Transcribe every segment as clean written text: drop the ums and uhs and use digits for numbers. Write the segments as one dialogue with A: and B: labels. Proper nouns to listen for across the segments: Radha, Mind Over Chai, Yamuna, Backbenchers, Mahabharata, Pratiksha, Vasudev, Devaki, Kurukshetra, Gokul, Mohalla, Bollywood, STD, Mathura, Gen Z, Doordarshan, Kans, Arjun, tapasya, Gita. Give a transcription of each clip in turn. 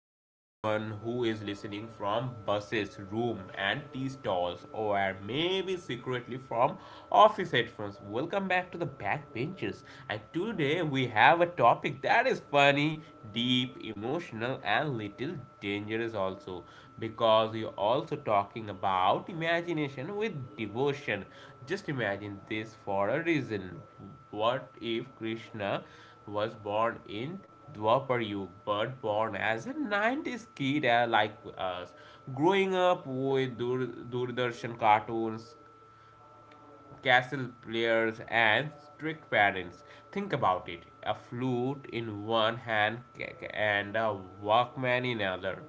A: to everyone who is listening from buses, room, and tea stalls, or maybe secretly from office headphones. Welcome back to the Backbenchers. And today we have a topic that is funny, deep, emotional, and little dangerous also, because we are also talking about imagination with devotion. Just imagine this for a reason. What if Krishna was born in Dwapar Yug, but born as a 90s kid, like us, growing up with Doordarshan cartoons, castle players and strict parents. Think about it, a flute in one hand and a workman in another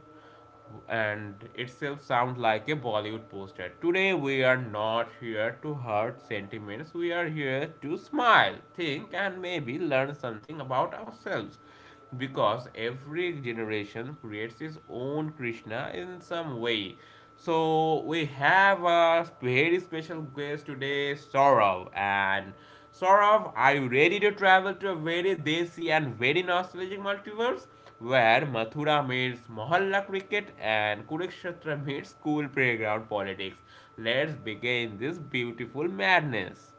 A: and itself sounds like a Bollywood poster. Today we are not here to hurt sentiments, we are here to smile, think, and maybe learn something about ourselves. Because every generation creates its own Krishna in some way. So we have a very special guest today, Saurav. And Saurav, are you ready to travel to a very desi and very nostalgic multiverse where Mathura meets Mohalla cricket and Kurukshetra meets school playground politics? Let's begin this beautiful madness.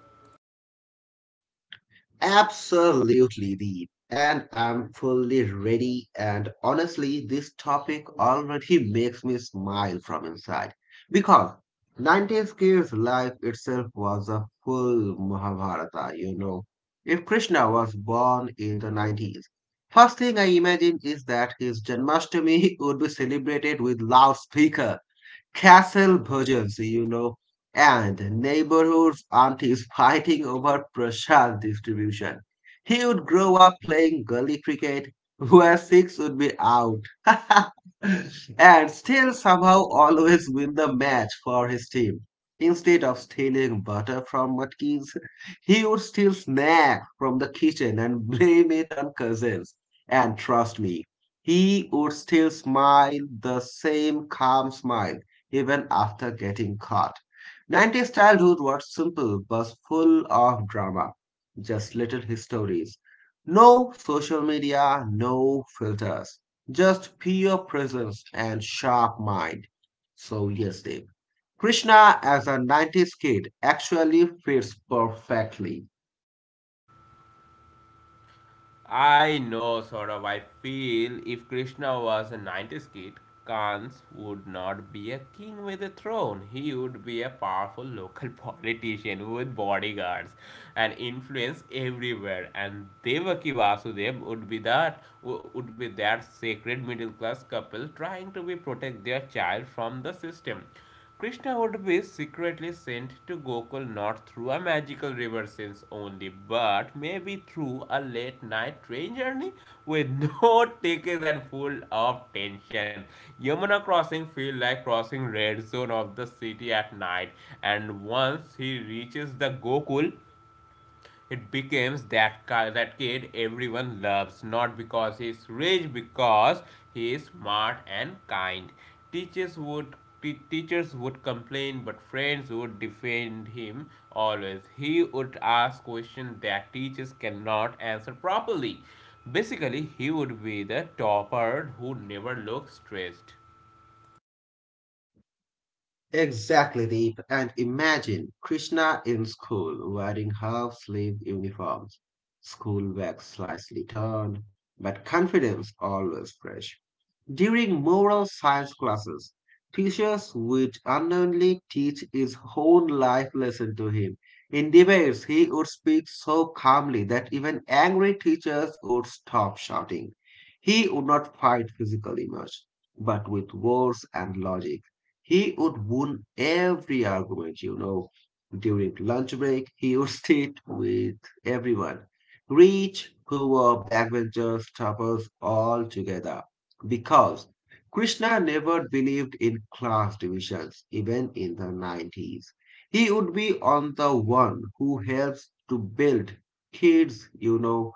B: Absolutely, Deep. And I'm fully ready. And honestly, this topic already makes me smile from inside. Because nineties kids' life itself was a full Mahabharata. If Krishna was born in the nineties, first thing I imagine is that his Janmashtami would be celebrated with loudspeaker castle and neighborhoods aunties fighting over prasad distribution. He would grow up playing gully cricket, where six would be out, and still somehow always win the match for his team. Instead of stealing butter from Watkins, he would steal snack from the kitchen and blame it on cousins. And trust me, he would still smile the same calm smile even after getting caught. nineties childhood was simple but full of drama, just little histories. No social media, no filters, just pure presence and sharp mind. So, yes, Dave. Krishna as a nineties kid actually fits perfectly.
A: I know, sort of. I feel if Krishna was a 90s kid, Kans would not be a king with a throne. He would be a powerful local politician with bodyguards and influence everywhere. And Devaki Vasudev would be that, sacred middle class couple trying to be protect their child from the system. Krishna would be secretly sent to Gokul not through a magical river sense only, but maybe through a late night train journey with no tickets and full of tension. Yamuna crossing feel like crossing red zone of the city at night, and once he reaches the Gokul, it becomes that kid everyone loves, not because he's rich, because he is smart and kind. Teachers would teachers would complain but friends would defend him always. He would ask questions that teachers cannot answer properly. Basically he would be the topper who never looks stressed.
B: Exactly, Deep. And imagine Krishna in school wearing half sleeve uniforms, school bags slightly turned, but confidence always fresh. During moral science classes, teachers would unknowingly teach his own life lesson to him. In debates, he would speak so calmly that even angry teachers would stop shouting. He would not fight physically much, but with words and logic. He would win every argument. During lunch break, he would sit with everyone, rich, poor, backbenchers, trappers, all together because Krishna never believed in class divisions, even in the nineties. He would be on the one who helps to build kids, you know,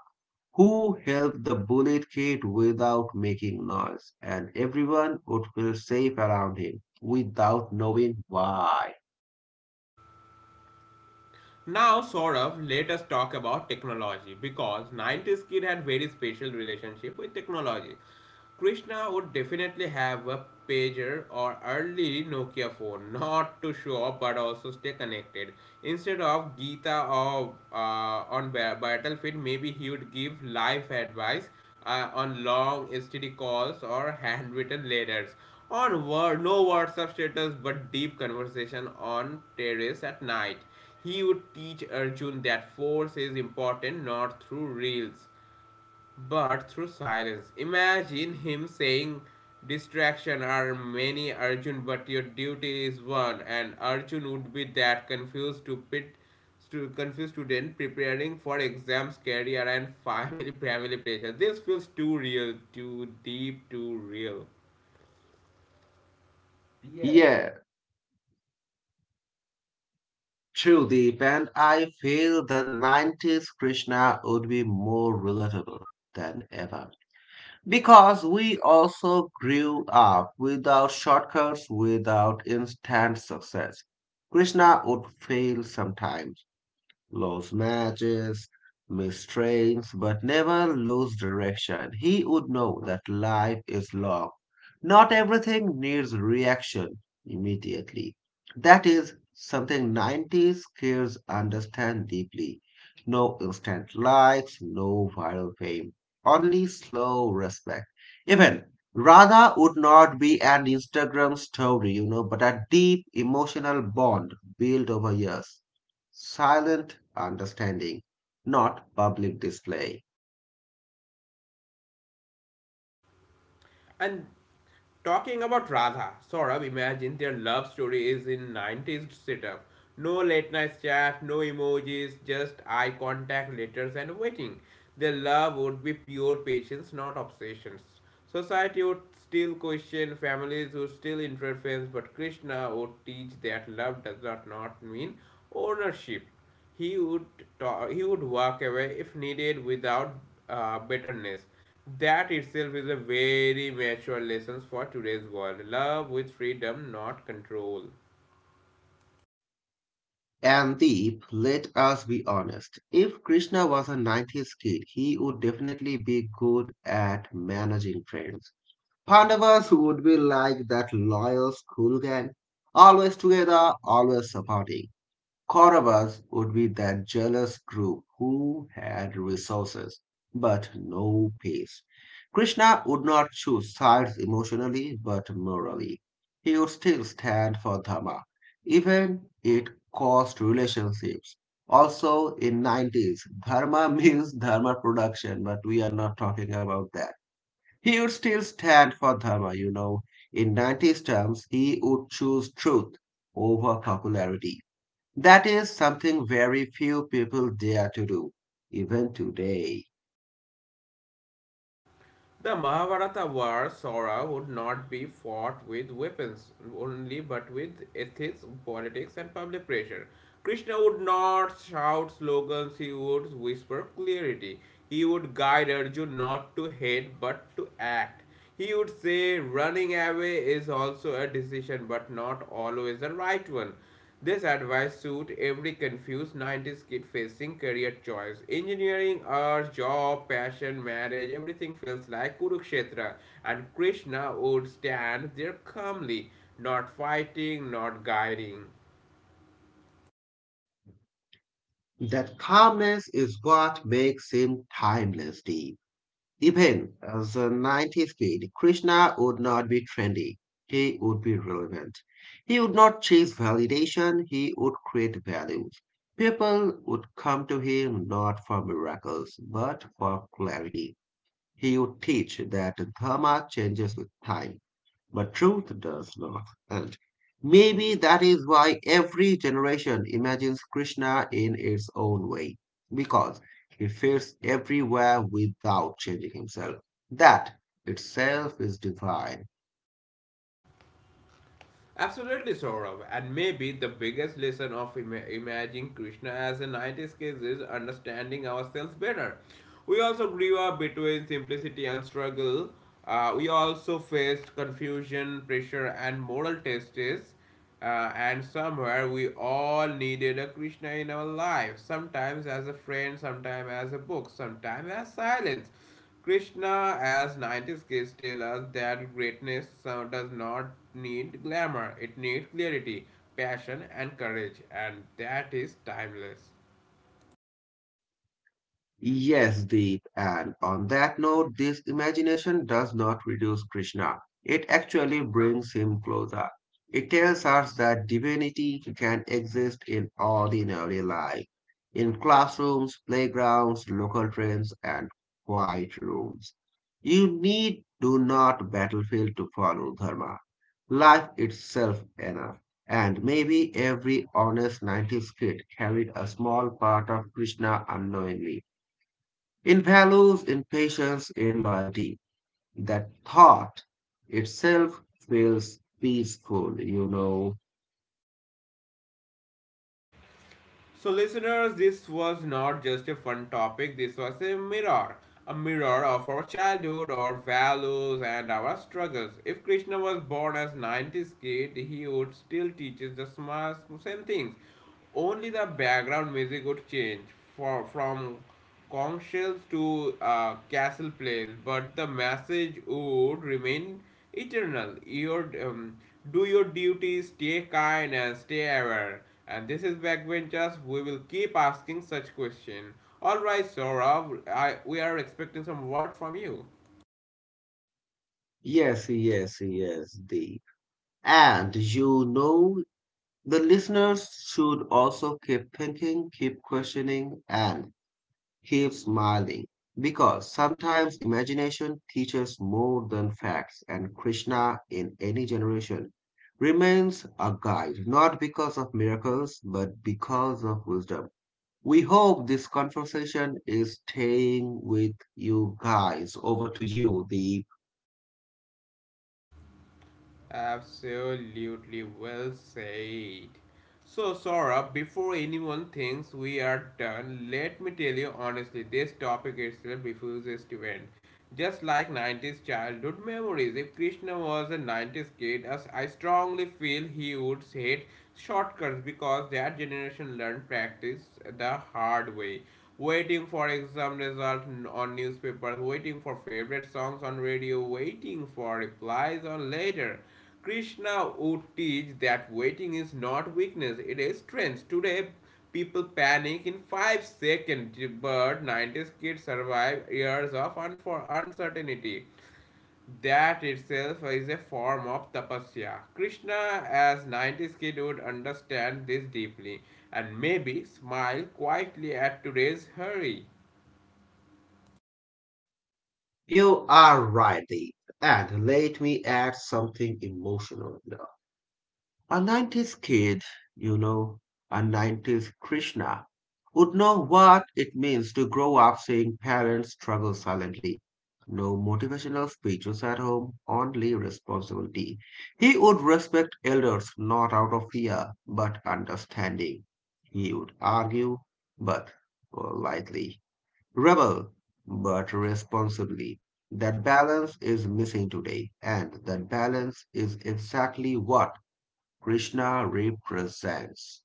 B: who help the bullied kid without making noise, and everyone would feel safe around him without knowing why.
A: Now, Saurabh, let us talk about technology because 90s kid had very special relationship with technology. Krishna would definitely have a pager or early Nokia phone, not to show up but also stay connected. Instead of Gita or on battlefield, maybe he would give life advice on long STD calls or handwritten letters. On word, no WhatsApp status but deep conversation on terrace at night. He would teach Arjun that force is important not through reels but through silence. Imagine him saying, distraction are many, Arjun, but your duty is one. And Arjun would be that confused to pit to confused student preparing for exams, career, and family pressure. This feels too real, too deep, too real.
B: Yeah, true, Deep, and I feel the nineties Krishna would be more relatable than ever. Because we also grew up without shortcuts, without instant success. Krishna would fail sometimes lost matches, missed trains, but never lose direction. He would know that life is long. Not everything needs reaction immediately. That is something nineties kids understand deeply. No instant likes, no viral fame, only slow respect. Even Radha would not be an Instagram but a deep emotional bond built over years silent understanding, not public display.
A: And talking about Radha, Saurabh, imagine their love story is in 90s setup. No late night chat, no emojis, just eye contact, letters, and waiting. Their love would be pure patience, not obsessions. Society would still question, families would still interfere, but Krishna would teach that love does not mean ownership. He would talk, he would walk away if needed without bitterness. That itself is a very mature lesson for today's world. Love with freedom, not control.
B: And Deep, let us be honest, if Krishna was a nineties kid, he would definitely be good at managing friends. Pandavas would be like that loyal school gang, always together, always supporting. Kauravas would be that jealous group who had resources but no peace. Krishna would not choose sides emotionally but morally. He would still stand for Dharma, even it cost relationships. Also, in nineties, Dharma means Dharma production, but we are not talking about that. He would still stand for Dharma. In nineties terms, he would choose truth over popularity. That is something very few people dare to do, even today.
A: The Mahabharata war, Saura, would not be fought with weapons only, but with ethics, politics, and public pressure. Krishna would not shout slogans, he would whisper clarity. He would guide Arjun not to hate but to act. He would say running away is also a decision, but not always the right one. This advice suits every confused 90s kid facing career choice. Engineering, art, job, passion, marriage, everything feels like Kurukshetra, and Krishna would stand there calmly, not fighting, not guiding.
B: That calmness is what makes him timeless deep. Even as a nineties kid, Krishna would not be trendy. He would be relevant. He would not chase validation, he would create values. People would come to him not for miracles, but for clarity. He would teach that dharma changes with time, but truth does not. And maybe that is why every generation imagines Krishna in its own way, because he fits everywhere without changing himself. That itself is divine.
A: Absolutely, Saurabh. And maybe the biggest lesson of imagining Krishna as a 90s case is understanding ourselves better. We also grew up between simplicity and struggle. We also faced confusion, pressure, and moral tests. And somewhere we all needed a Krishna in our life, sometimes as a friend, sometimes as a book, sometimes as silence. Krishna, as 90s kids, tell us that greatness does not need glamour, it needs clarity, passion, and courage, and that is timeless.
B: Yes, Deep. And on that note, this imagination does not reduce Krishna. It actually brings him closer. It tells us that divinity can exist in ordinary life, in classrooms, playgrounds, local trains, and quiet rooms. You need do not battlefield to follow dharma. Life itself enough. And maybe every honest nineties kid carried a small part of Krishna unknowingly in values, in patience, in loyalty. That thought itself feels peaceful.
A: So, listeners, this was not just a fun topic, this was a mirror. A mirror of our childhood, our values, and our struggles. If Krishna was born as 90s kid, he would still teach us the same things. Only the background music would change from conch shells to castle place, but the message would remain eternal. Do your duty, stay kind, and stay aware. And this is Backbenchers. We will keep asking such question. All right, Saurabh, we are expecting some word from you.
B: Yes, yes, yes, Deep. And you know, the listeners should also keep thinking, keep questioning, and keep smiling. Because sometimes imagination teaches more than facts, and Krishna in any generation remains a guide, not because of miracles, but because of wisdom. We hope this conversation is staying with you guys. Over to you, Deep.
A: Absolutely well said. So, Saurabh, before anyone thinks we are done, let me tell you honestly, this topic itself refuses to end. Just like 90s childhood memories, if Krishna was a 90s kid, as I strongly feel, he would hate shortcuts because that generation learned practice the hard way, waiting for exam result on newspapers, waiting for favorite songs on radio, waiting for replies on letter. Krishna would teach that waiting is not weakness, it is strength. Today, people panic in 5 seconds, but 90s kids survive years of uncertainty. That itself is a form of tapasya. Krishna, as 90s kid, would understand this deeply and maybe smile quietly at today's hurry.
B: You are right, Deep. And let me add something emotional. A 90's kid, you know, a nineties's Krishna, would know what it means to grow up seeing parents struggle silently. No motivational speeches at home, only responsibility. He would respect elders not out of fear, but understanding. He would argue, but politely. Rebel, but responsibly. That balance is missing today, and that balance is exactly what Krishna represents.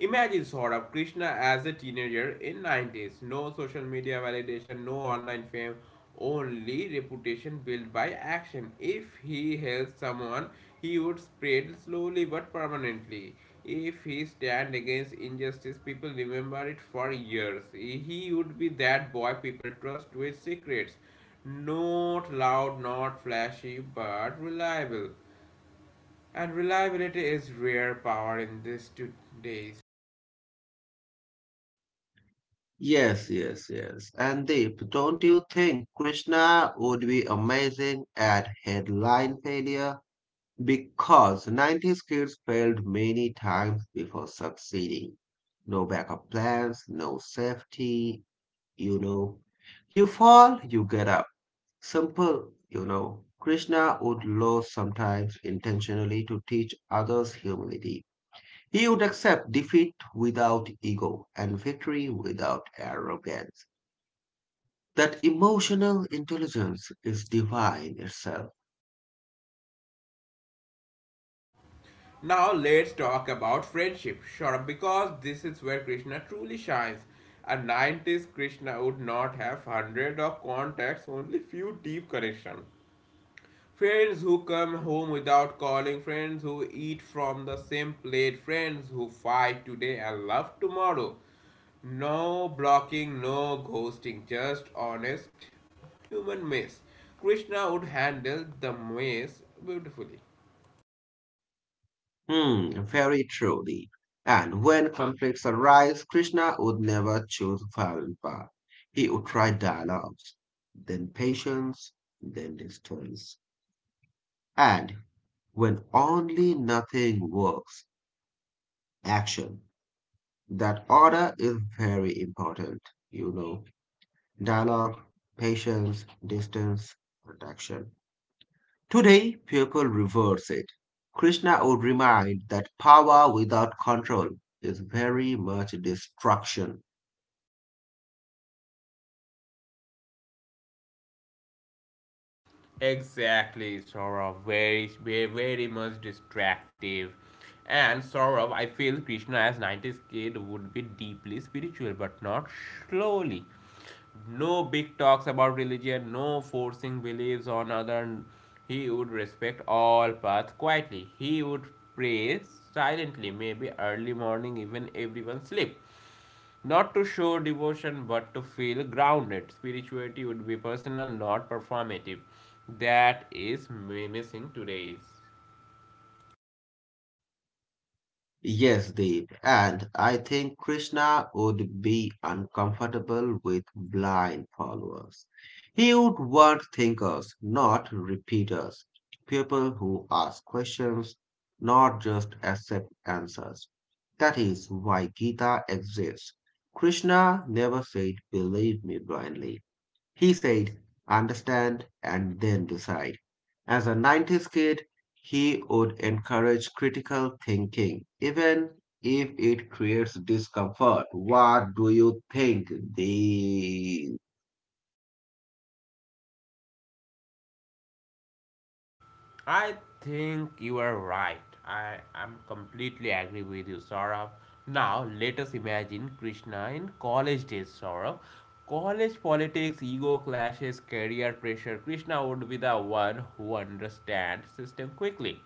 A: Imagine, sort of, Krishna as a teenager in 90s. No social media validation, no online fame, only reputation built by action. If he helps someone, he would spread slowly but permanently. If he stand against injustice, people remember it for years. He would be that boy people trust with secrets. Not loud, not flashy, but reliable. And reliability is rare power in these 2 days.
B: Yes, yes, yes. And Deep, don't you think Krishna would be amazing at headline failure? Because nineties kids failed many times before succeeding. No backup plans, no safety, you know. You fall, you get up. Simple. Krishna would lose sometimes intentionally to teach others humility. He would accept defeat without ego and victory without arrogance. That emotional intelligence is divine itself.
A: Now let's talk about friendship, sure, because this is where Krishna truly shines. At 90s, Krishna would not have hundreds of contacts, only few deep connections. Friends who come home without calling, friends who eat from the same plate, friends who fight today and love tomorrow. No blocking, no ghosting, just honest human mess. Krishna would handle the mess beautifully.
B: Hmm, very truly. And when conflicts arise, Krishna would never choose violent path. He would try dialogues, then patience, then distance. And when only nothing works, action. That order is very important, you know. Dialogue, patience, distance, protection. Today, people reverse it. Krishna would remind that power without control is very much destruction.
A: Exactly, Saurabh. Very, very, very much distractive. And Saurabh, I feel Krishna as 90s kid would be deeply spiritual, but not slowly. No big talks about religion, no forcing beliefs on other. He would respect all paths quietly. He would pray silently, maybe early morning, even everyone sleep, not to show devotion but to feel grounded. Spirituality would be personal, not performative. That is missing today's.
B: Yes, Deep. And I think Krishna would be uncomfortable with blind followers. He would want thinkers, not repeaters. People who ask questions, not just accept answers. That is why Gita exists. Krishna never said, believe me blindly. He said, understand and then decide. As a nineties kid, he would encourage critical thinking, even if it creates discomfort. What do you think, Deep?
A: I think you are right. I am completely agree with you, Saurabh. Now, let us imagine Krishna in college days, Saurabh. College politics, ego clashes, career pressure. Krishna would be the one who understands system quickly.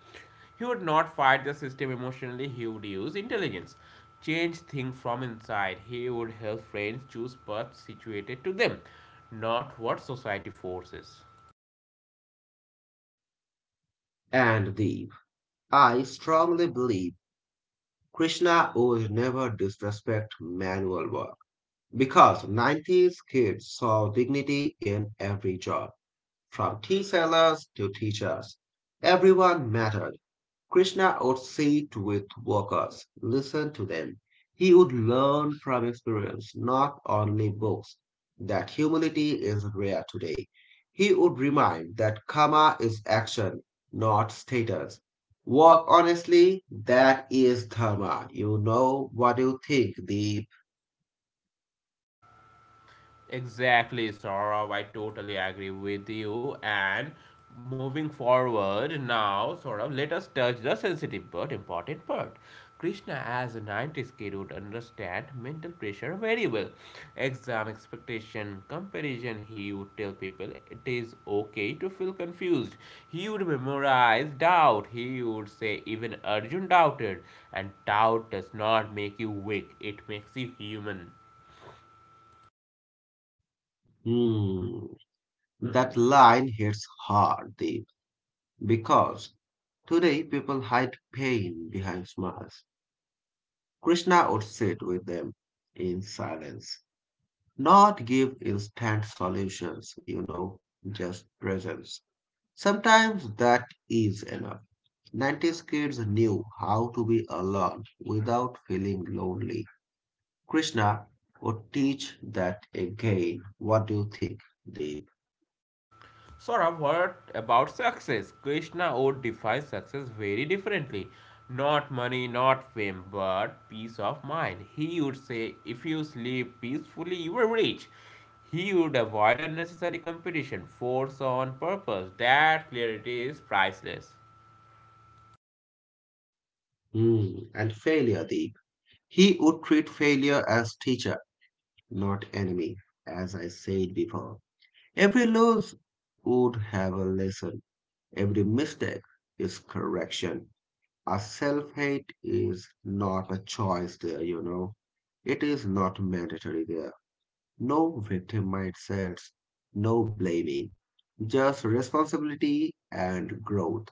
A: He would not fight the system emotionally, he would use intelligence. Change things from inside. He would help friends choose paths situated to them, not what society forces.
B: And Deep, I strongly believe Krishna would never disrespect manual work because nineties kids saw dignity in every job, from tea sellers to teachers. Everyone mattered. Krishna would sit with workers, listen to them. He would learn from experience, not only books, that humility is rare today. He would remind that karma is action, not status. Work honestly, that is dharma. You know what you think, Deep.
A: Exactly, Saurav. I totally agree with you. And moving forward now, Saurav, let us touch the sensitive but important part. Krishna, as a 90s kid, would understand mental pressure very well. Exam expectation, comparison, he would tell people it is okay to feel confused. He would memorize doubt. He would say even Arjun doubted. And doubt does not make you weak, it makes you human.
B: Hmm, that line hits hard, Deep, because today people hide pain behind smiles. Krishna would sit with them in silence, not give instant just presence. Sometimes that is enough. nineties kids knew how to be alone without feeling lonely. Krishna would teach that again. What do you think, Deep?
A: Saurabh, what about success? Krishna would define success very differently. Not money, not fame, but peace of mind. He would say, if you sleep peacefully, you are rich. He would avoid unnecessary competition, force on purpose. That clarity is priceless.
B: Hmm. And failure, Deep. He would treat failure as teacher, not enemy, as I said before. Every loss would have a lesson Every mistake is correction. A self hate is not a choice there. It is not mandatory there. No victim mindsets, no blaming, just responsibility and growth.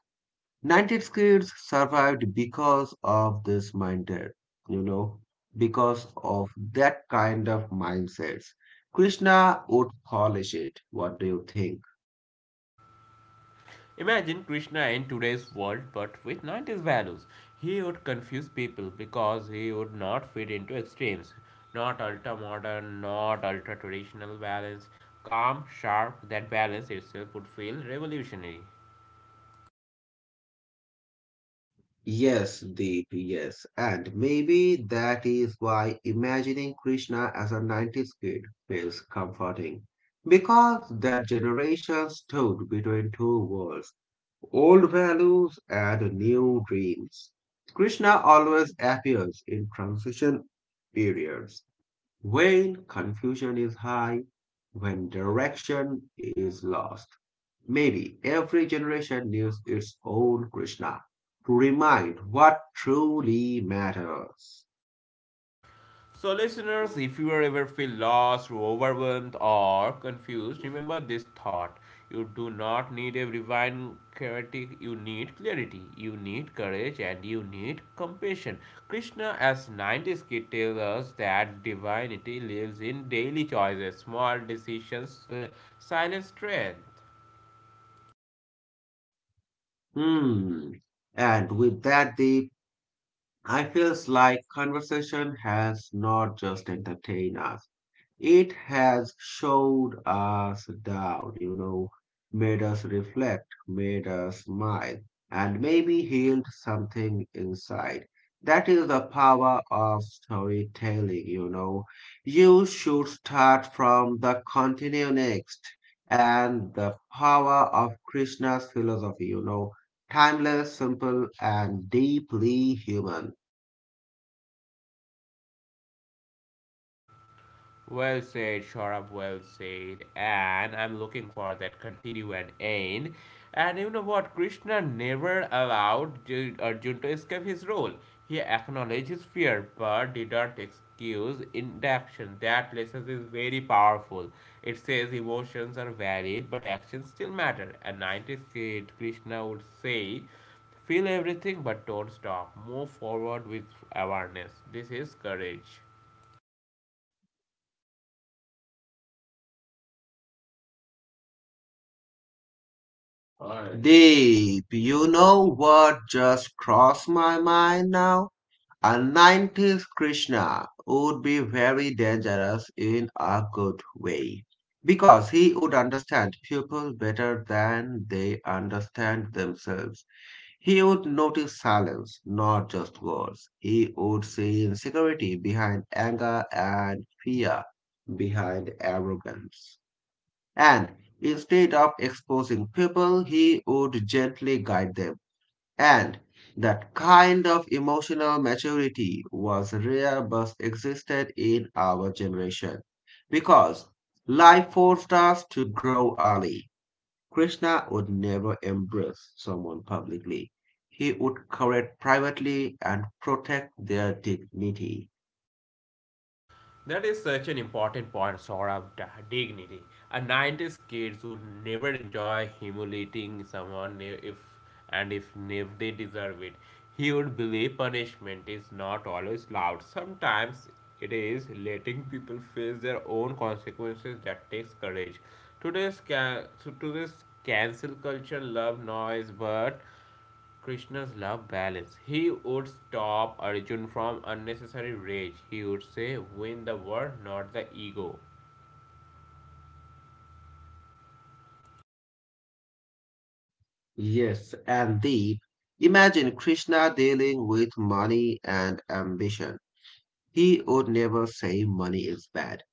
B: nineties kids survived because of this you know, because of that kind of mindsets. Krishna would polish it. What do you think?
A: Imagine Krishna in today's world but with 90s values. He would confuse people because he would not fit into extremes. Not ultra modern, not ultra traditional balance. Calm, sharp, that balance itself would feel revolutionary.
B: Yes, Deep, yes. And maybe that is why imagining Krishna as a nineties kid feels comforting. Because that generation stood between two worlds, old values and new dreams. Krishna always appears in transition periods when confusion is high, when direction is lost, maybe every generation needs its own Krishna to remind what truly matters.
A: So, listeners, if you ever feel lost, overwhelmed, or confused, remember this thought. You do not need a divine clarity, you need courage, and you need compassion. Krishna, as 90s kid, tells us that divinity lives in daily choices, small decisions, silent strength.
B: Hmm. And with that, Deep, I feels like conversation has not just entertained us. It has showed us down, made us reflect, made us smile, and maybe healed something inside. That is the power of storytelling, you know. You should start from the continue next and the power of Krishna's timeless, simple, and deeply human.
A: Well said, Shorab, well said. And I'm looking for that continue and end. And you know what? Krishna never allowed Arjun to escape his role. He acknowledged his fear but did not excuse inaction. That lesson is very powerful. It says emotions are valid but actions still matter. A 90s kid, Krishna would say, feel everything but don't stop. Move forward with awareness. This is courage.
B: Alright. Deep, you know what just crossed my mind now? A nineties Krishna would be very dangerous in a good way because he would understand people better than they understand themselves. He would notice silence, not just words. He would see insecurity behind anger and fear behind arrogance and instead of exposing people, he would gently guide them. And that kind of emotional maturity was rare but existed in our generation because life forced us to grow early. Krishna would never embrace someone publicly. He would correct privately and protect their dignity.
A: That is such an important point, sort of. Dignity. A 90s kids would never enjoy humiliating someone, if and if, if they deserve it. He would believe punishment is not always loud. Sometimes it is letting people face their own consequences that takes courage. Today's, ca- so today's cancel culture love noise, but Krishna's love balance. He would stop Arjun from unnecessary rage. He would say, win the war, not the ego.
B: Yes, and the imagine Krishna dealing with money and ambition. He would never say money is bad.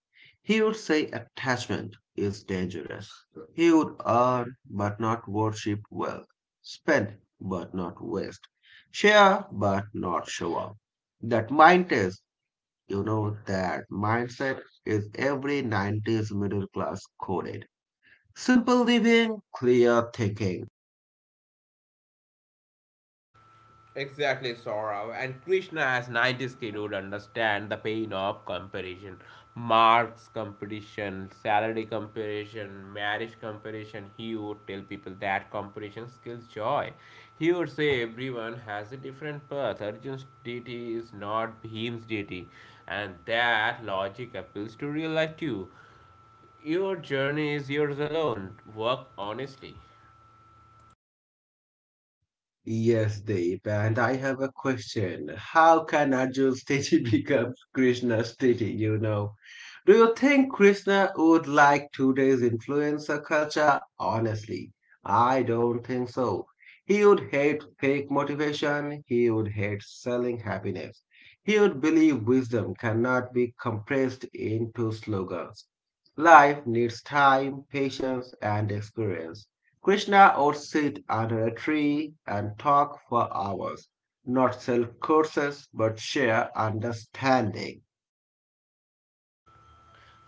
B: He would say attachment is dangerous. He would earn but not worship wealth, spend but not waste, share but not show off. That mind is, that mindset is every nineties middle class coded. Simple living, clear thinking.
A: Exactly, Saurav. And Krishna, as 90s kid, would understand the pain of comparison. Marks comparison, salary comparison, marriage comparison. He would tell people that comparison kills joy. He would say everyone has a different path. Arjun's deity is not Bhim's deity. And that logic appeals to real life too. Your journey is yours alone. Work honestly.
B: Yes, Deep. And I have a question. How can Arjun's statue become Krishna's statue, Do you think Krishna would like today's influencer culture? Honestly, I don't think so. He would hate fake motivation. He would hate selling happiness. He would believe wisdom cannot be compressed into slogans. Life needs time, patience, and experience. Krishna would sit under a tree and talk for hours, not sell courses but share understanding.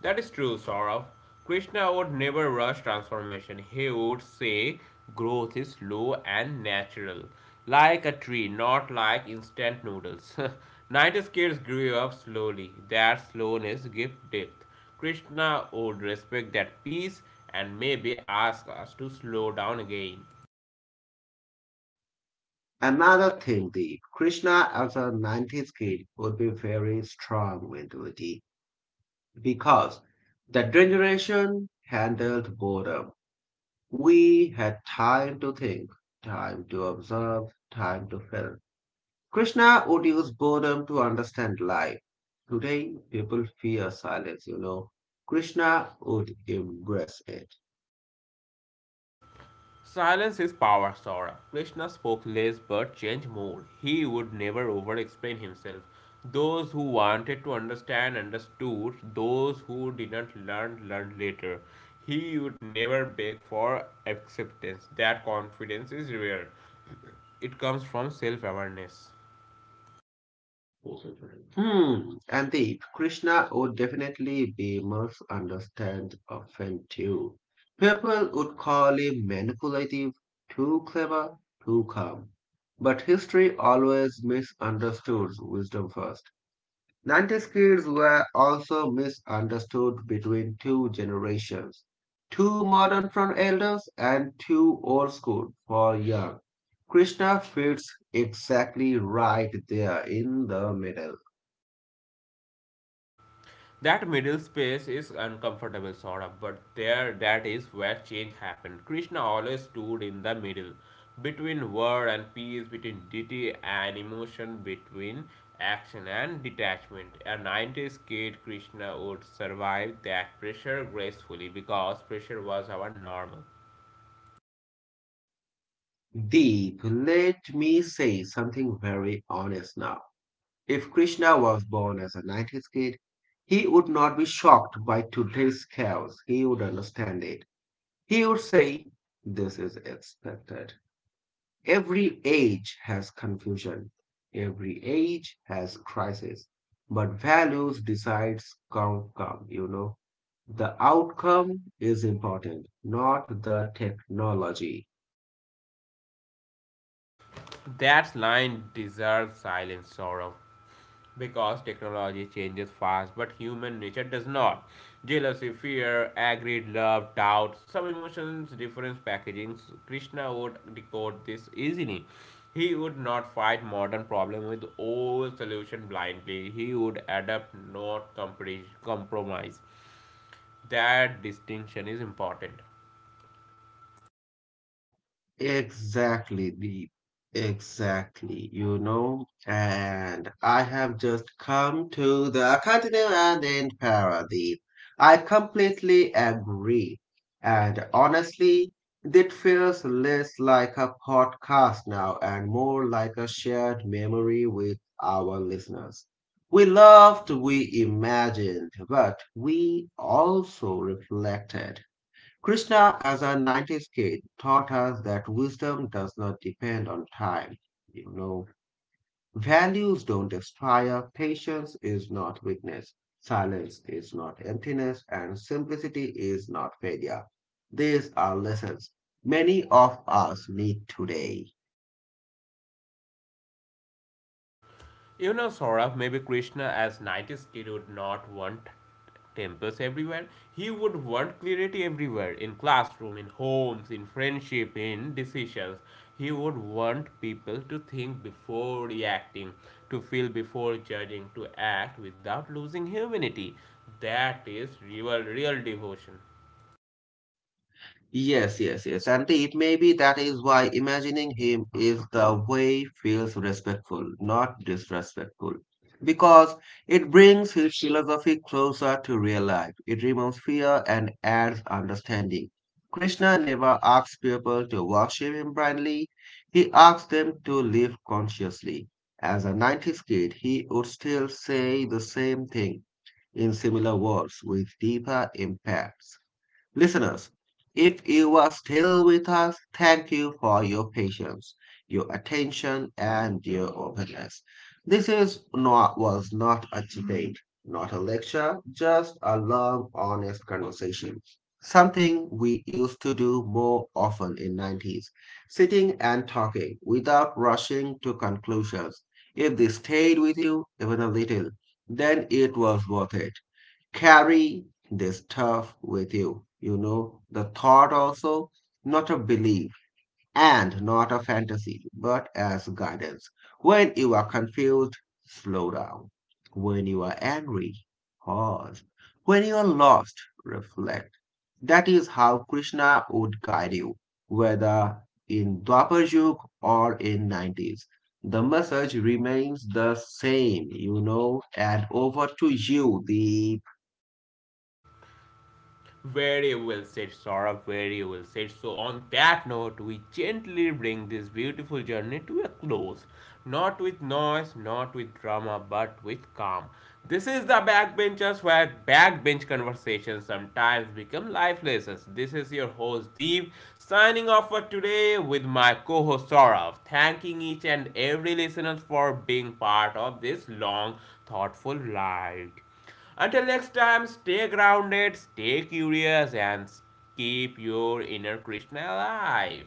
A: That is true, Saurav. Krishna would never rush transformation. He would say growth is slow and natural, like a tree, not like instant noodles. 90s kids grew up slowly. That slowness gives depth. Krishna would respect that peace and maybe ask us to slow down again.
B: Another thing, the Krishna as a nineties kid would be very strong mentality because the generation handled boredom. We had time to think, time to observe, time to feel. Krishna would use boredom to understand life. Today, people fear silence, Krishna would embrace it.
A: Silence is power, Saurabh. Krishna spoke less but changed more. He would never over explain himself. Those who wanted to understand understood, those who didn't learn learned later. He would never beg for acceptance. That confidence is rare, it comes from self awareness.
B: Hmm. And the Krishna would definitely be misunderstood often too. People would call him manipulative, too clever, too calm. But history always misunderstood wisdom first. nineties kids were also misunderstood between two generations too modern for elders and too old school for young. Krishna fits exactly right there in the middle.
A: That middle space is uncomfortable, sort of, but there that is where change happened. Krishna always stood in the middle, between word and peace, between duty and emotion, between action and detachment. A 90s kid Krishna would survive that pressure gracefully because pressure was our normal.
B: Deep, let me say something very honest now. If Krishna was born as a nineties kid, he would not be shocked by today's chaos. He would understand it. He would say, this is expected. Every age has confusion. Every age has crisis. But values decides outcome. The outcome is important, not the technology.
A: That line deserves silent sorrow because technology changes fast, but human nature does not. Jealousy, fear, anger, love, doubt, some emotions, different packagings. Krishna would decode this easily. He would not fight modern problem with old solution blindly. He would adapt, not compromise. That distinction is important.
B: Exactly, Deep. Exactly, And I have just come to the continue and in paradise. I completely agree. And honestly, it feels less like a podcast now and more like a shared memory with our listeners. We loved, we imagined, but we also reflected. Krishna, as a nineties kid, taught us that wisdom does not depend on time. You know, values don't expire, patience is not weakness, silence is not emptiness, and simplicity is not failure. These are lessons many of us need today.
A: You know, Saurabh, maybe Krishna as 90s kid would not want temples everywhere. He would want clarity everywhere, in classroom, in homes, in friendship, in decisions. He would want people to think before reacting, to feel before judging, to act without losing humanity. That is real, real devotion.
B: Yes, yes, yes. And it may be that is why imagining him is the way feels respectful, not disrespectful. Because it brings his philosophy closer to real life. It removes fear and adds understanding. Krishna never asks people to worship him blindly. He asks them to live consciously. As a nineties kid, he would still say the same thing in similar words with deeper impact. Listeners, if you are still with us, thank you for your patience, your attention, and your openness. This is not was not a debate, not a lecture, just a long, honest conversation. Something we used to do more often in nineties, sitting and talking without rushing to conclusions. If this stayed with you even a little, then it was worth it carry this stuff with you. The thought also, not a belief and not a fantasy, but as guidance. When you are confused, slow down. When you are angry, pause. When you are lost, reflect. That is how Krishna would guide you, whether in Dwapar Yug or in nineties. The message remains the same, and over to you, the
A: Very well said, Saurabh. Very well said. So, on that note, we gently bring this beautiful journey to a close. Not with noise, not with drama, but with calm. This is the Backbenchers, where backbench conversations sometimes become life lessons. This is your host Deep signing off for today with my co-host Saurav, thanking each and every listener for being part of this long, thoughtful ride. Until next time, stay grounded, stay curious, and keep your inner Krishna alive.